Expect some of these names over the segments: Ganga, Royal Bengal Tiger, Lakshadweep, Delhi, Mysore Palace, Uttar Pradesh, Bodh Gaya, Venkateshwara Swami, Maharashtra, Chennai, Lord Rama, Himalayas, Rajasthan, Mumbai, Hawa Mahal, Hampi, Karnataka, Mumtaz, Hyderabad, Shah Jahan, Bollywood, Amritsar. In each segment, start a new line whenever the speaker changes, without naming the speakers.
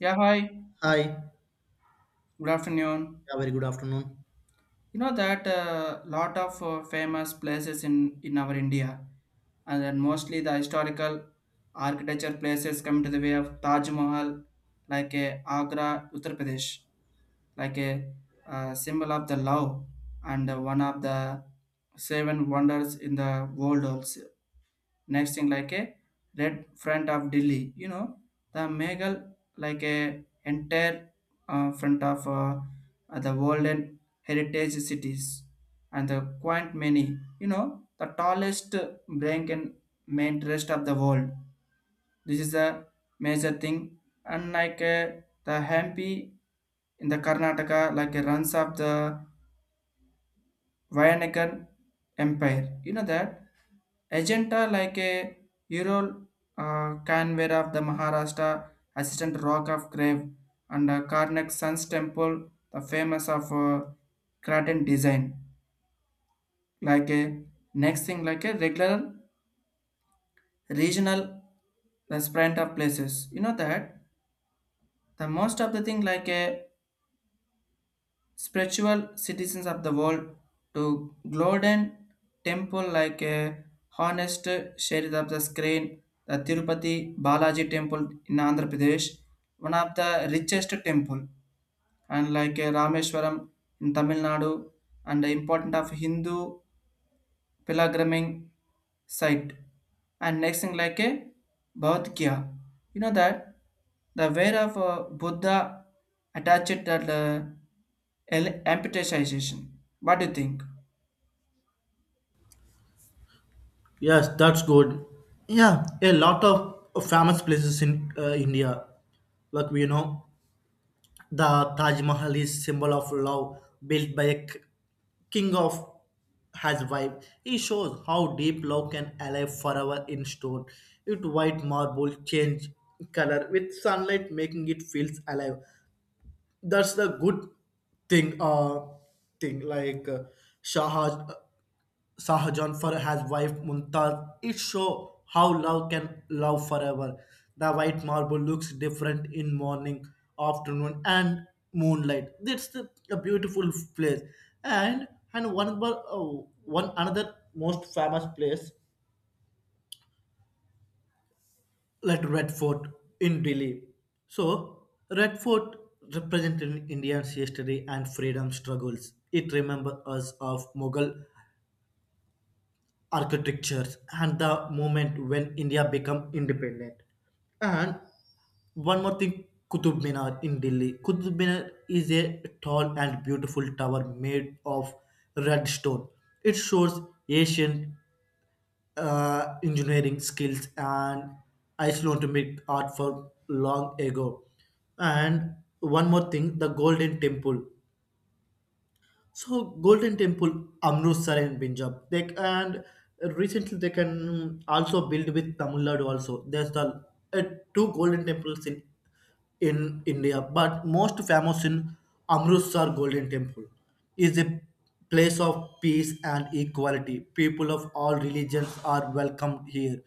Yeah, hi.
Hi. Yeah,
Good afternoon.
very good afternoon.
You know that a lot of famous places in our India, and then mostly the historical architecture places come to the way of Taj Mahal, like a Agra, Uttar Pradesh, like a symbol of the love and one of the seven wonders in the world also. Next thing like a red front of Delhi, you know, the Meghal like a entire front of the golden heritage cities and the quite many, you know, the tallest bank and main rest of the world. This is a major thing. Unlike the Hampi in the Karnataka, like a runs of the Vayanagar Empire. You know that Agenta like a Ural Canver of the Maharashtra, Assistant Rock of Grave, and Karnak Sun's Temple, the famous of Craton design. Like a next thing, like a regular regional restaurant of places. You know that the most of the thing like a spiritual citizens of the world to Glowden temple like a honest shade of the screen, the Tirupati Balaji temple in Andhra Pradesh, one of the richest temple and like a Rameshwaram in Tamil Nadu and the important of Hindu pilgriming site and next thing like a Bhavat Gya. You know that the wear of Buddha attached that amputation. What do you think?
Yes, that's good. Yeah, a lot of famous places in India. Like we know, the Taj Mahal is symbol of love, built by a king of his wife. It shows how deep love can alive forever in stone. It white marble change color with sunlight, making it feels alive. That's the good thing uh thing like Shah Shah Jahan for his wife Mumtaz. It shows how love can love forever. The white marble looks different in morning, afternoon, and moonlight. A beautiful place. And and one more, one another most famous place like Red Fort in Delhi. So, Red Fort represented India's history and freedom struggles. It remembers us of Mughal architectures and the moment when India became independent. And one more thing, Qutub Minar in Delhi. Qutub Minar is a tall and beautiful tower made of red stone. It shows ancient engineering skills and Icelandic art for long ago. And one more thing, the Golden Temple. So Golden Temple, Amritsar and Punjab, they and recently they can also build with Tamil Nadu also. There's the uh, two Golden Temples in India, but most famous in Amritsar Golden Temple is a place of peace and equality. People of all religions are welcomed here.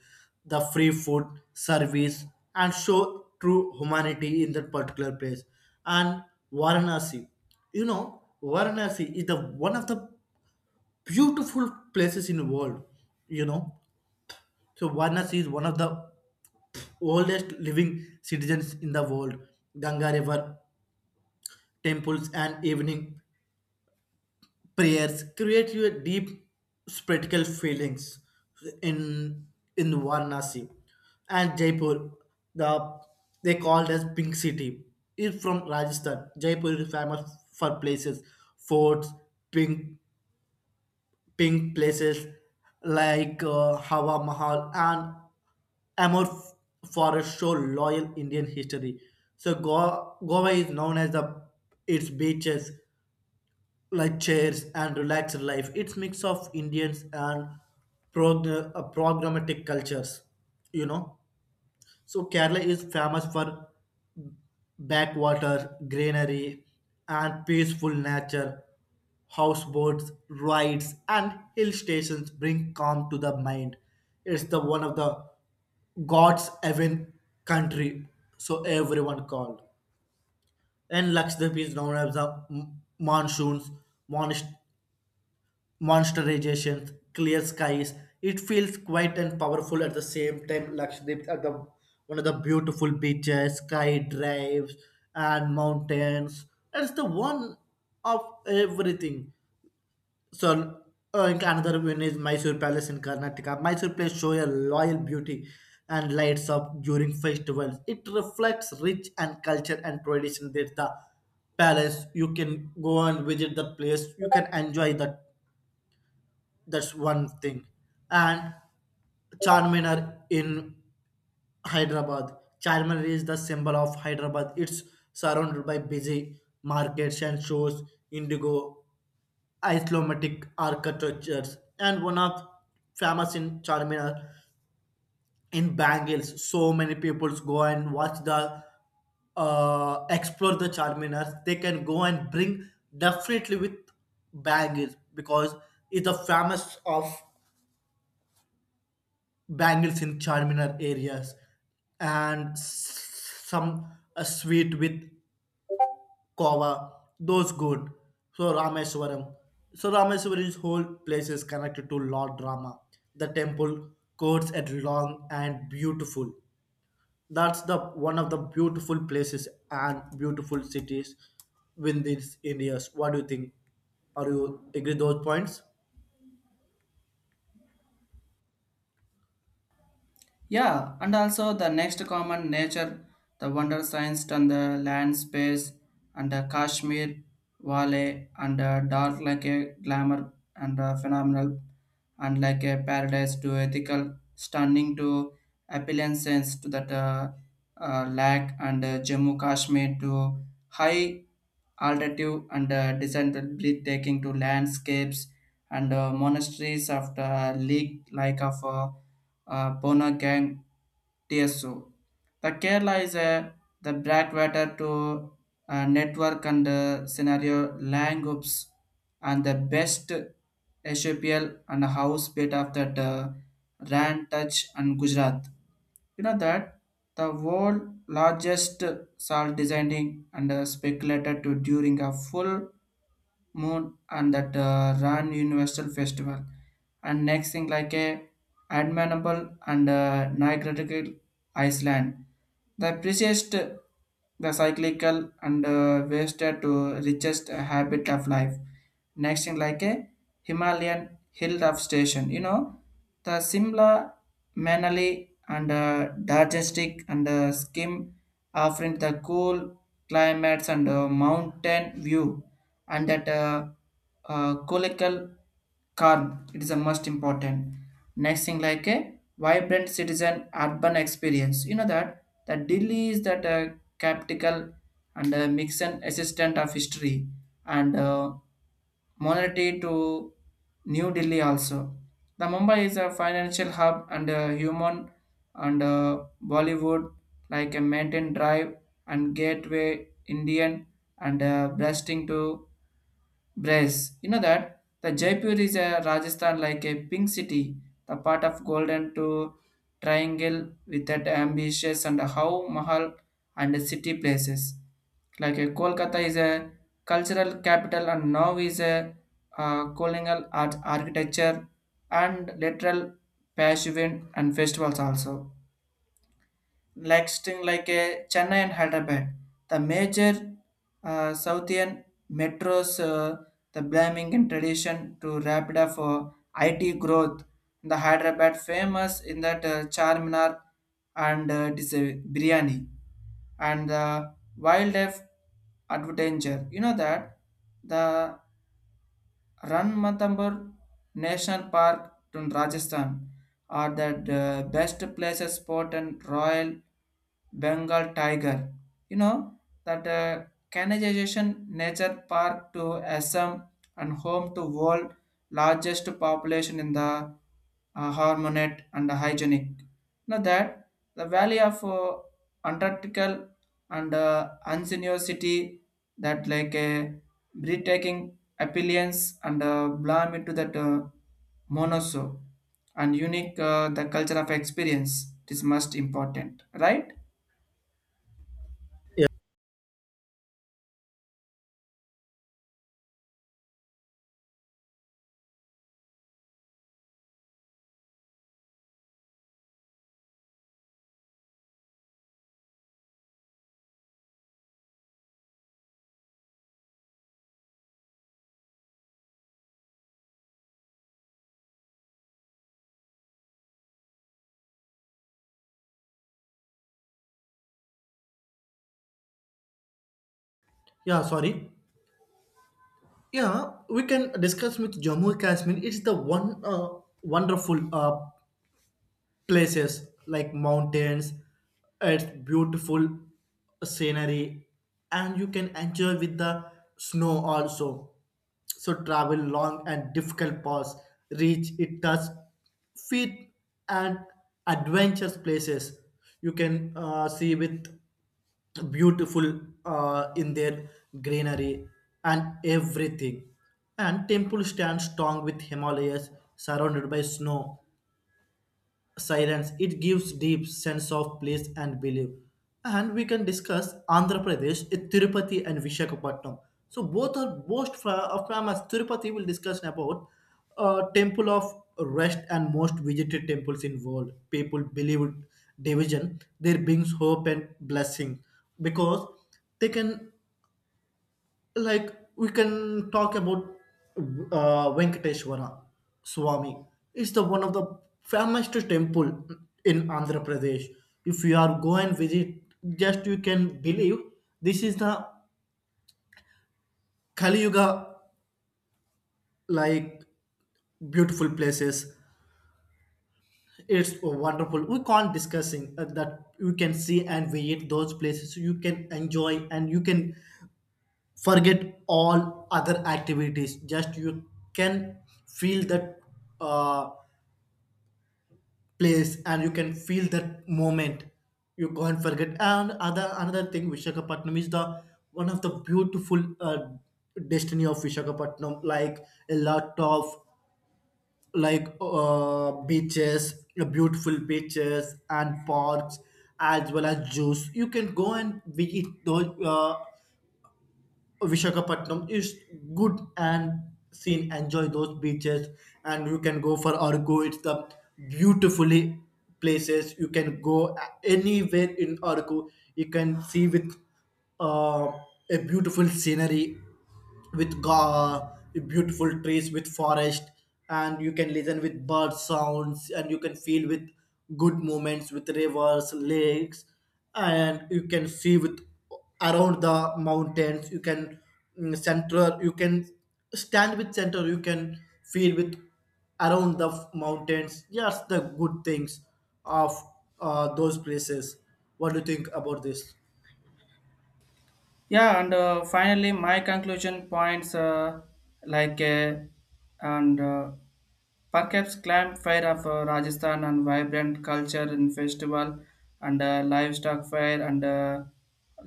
The free food, service, and show true humanity in that particular place. And Varanasi, you know, varanasi is the one of the beautiful places in the world, you know, so varanasi is one of the oldest living citizens in the world. Ganga river temples and evening prayers create you a deep spiritual feelings in in varanasi. And jaipur, the they called as pink city, is from rajasthan. Jaipur is famous for places, forts, pink pink places like Hawa Mahal and Amur for its show loyal Indian history. Goa is known as the its beaches, like chairs and relaxed life. It's mix of Indians and programmatic cultures, you know. So Kerala is famous for backwater, greenery, and peaceful nature. Houseboats, rides, and hill stations bring calm to the mind. It's the one of the God's heaven country, so everyone called. And Lakshadweep is known as the m- monsoons, monsoon monsterization, clear skies. It feels quiet and powerful at the same time. Lakshadweep are the one of the beautiful beaches, sky drives, and mountains. It's the one of everything. So, another one is Mysore Palace in Karnataka. Mysore place show a loyal beauty and lights up during festivals. It reflects rich and culture and tradition. There's the palace. You can go and visit the place. You can enjoy the that's one thing. And Charminar in Hyderabad. Charminar is the symbol of Hyderabad. It's surrounded by busy markets and shows, indigo, Islamic architectures, and one of famous in Charminar in Bangals. So many people go and watch the explore the Charminar. They can go and bring definitely with baggage because it's the famous of bangles in charminar areas and some sweet with Kova, those good. So Rameswaram. So Rameswaram's whole place is connected to Lord Rama. The temple courts at long and beautiful. That's the one of the beautiful places and beautiful cities within this India's. What do you think? Are you agree those points?
Yeah, and also the next common nature, the wonder science and the land space and the Kashmir Valley and the dark like a glamour and a phenomenal and like a paradise to ethical, stunning to appealances to that lack and Jammu Kashmir to high altitude and descent breathtaking to landscapes and monasteries of the lake like of Bonagang TSO. The Kerala is a the Bradwater to network and scenario land groups and the best SAPL and house bit of that Ran Touch and Gujarat. You know that the world largest salt designing and speculated to during a full moon and that ran universal festival and next thing like a admirable and nigratical iceland the precious the cyclical and wasted to richest habit of life next thing like a himalayan hill of station, you know, the simla manali and digestic and skim offering the cool climates and mountain view and that colloquial calm it is the most important. Next thing like a vibrant citizen urban experience. You know that the delhi is that capital and mixon assistant of history and monarchy to New Delhi also. The Mumbai is a financial hub and a human and Bollywood, like a Mountain Drive and Gateway Indian and Blasting to Brace. You know that the Jaipur is a Rajasthan like a pink city, the part of golden to triangle with that ambitious and how Mahal and city places. Like a Kolkata is a cultural capital and now is a colonial art architecture and literal passion and festivals also like string like a Chennai and Hyderabad. The major Southian metros, the blaming in tradition to Rapida for IT growth. The Hyderabad famous in that Charminar and biryani and the wildlife adventure. You know that the Ranmathambore National Park in Rajasthan are the best places spot and Royal Bengal tiger. You know that canalization nature park to Assam and home to world largest population in the harmonate and hygienic. Now that the valley of Antarctic and ingenuity that like a breathtaking appearance and blame into that monoso and unique the culture of experience, it is most important, right?
Yeah, sorry. Yeah, we can discuss with Jammu and Kashmir. It's the one wonderful places like mountains. It's beautiful scenery and you can enjoy with the snow also. So travel long and difficult paths reach it does feet, and adventurous places you can see with beautiful in their greenery and everything. And temple stands strong with Himalayas surrounded by snow silence. It gives deep sense of place and belief. And we can discuss andhra pradesh, eh, tirupati and vishakhapatnam. So both are famous. Tirupati will discuss about temple of rest and most visited temples in world. People believe division there brings hope and blessing because they can, like, we can talk about Venkateshwara Swami. It's the one of the famous temple in Andhra Pradesh. If you are go and visit, just you can believe this is the Kali Yuga like beautiful places. It's wonderful. We can't discussing that you can see and visit those places. You can enjoy and you can forget all other activities just you can feel that uh, place and you can feel that moment you can't forget. And other another thing, vishakhapatnam is the one of the beautiful destiny of vishakhapatnam, like a lot of like beaches, beautiful beaches and parks as well as juice. You can go and visit those Vishakhapatnam is good, and seen enjoy those beaches, and you can go for Argo. It's the beautifully places. You can go anywhere in Argo. You can see with uh, a beautiful scenery with beautiful trees with forest, and you can listen with bird sounds, and you can feel with good moments with rivers, lakes, and you can see with around the mountains. You can center, you can stand with center, you can feel with around the mountains. Yes, the good things of those places. What do you think about this?
Yeah, and finally my conclusion points, like and perhaps clam fair of rajasthan and vibrant culture and festival and livestock fair and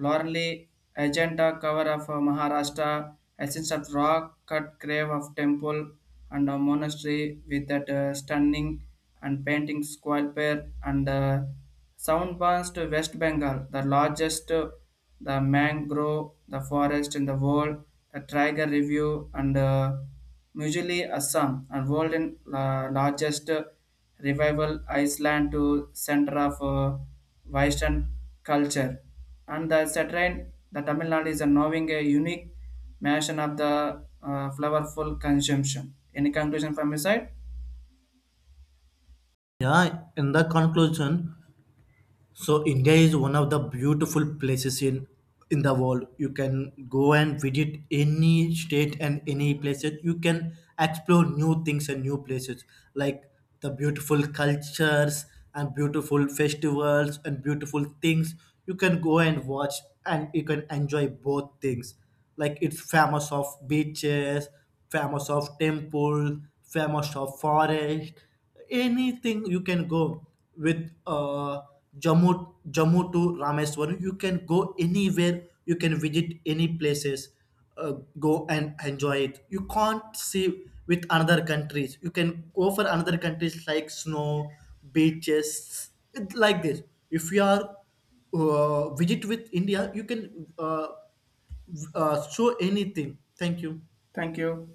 lorely agenda cover of maharashtra essence of rock cut grave of temple and a monastery with that stunning and painting square pair and Sound burns to West Bengal, the largest the mangrove the forest in the world, the tiger review and usually Assam and world in largest revival Iceland to center of Western culture. And the Saturn, the Tamil Nadu is knowing a unique mention of the flowerful consumption. Any conclusion from your side?
Yeah, in the conclusion, so India is one of the beautiful places in the world. You can go and visit any state and any places. You can explore new things and new places like the beautiful cultures and beautiful festivals and beautiful things. You can go and watch and you can enjoy both things. Like it's famous of beaches, famous of temple, famous of forest, anything you can go with Jammu to Rameswaram. You can go anywhere. You can visit any places. Uh, Go and enjoy it. You can't see with another countries. You can go for another countries like snow, beaches, like this. If you are visit with India, you can show anything. Thank you.
Thank you.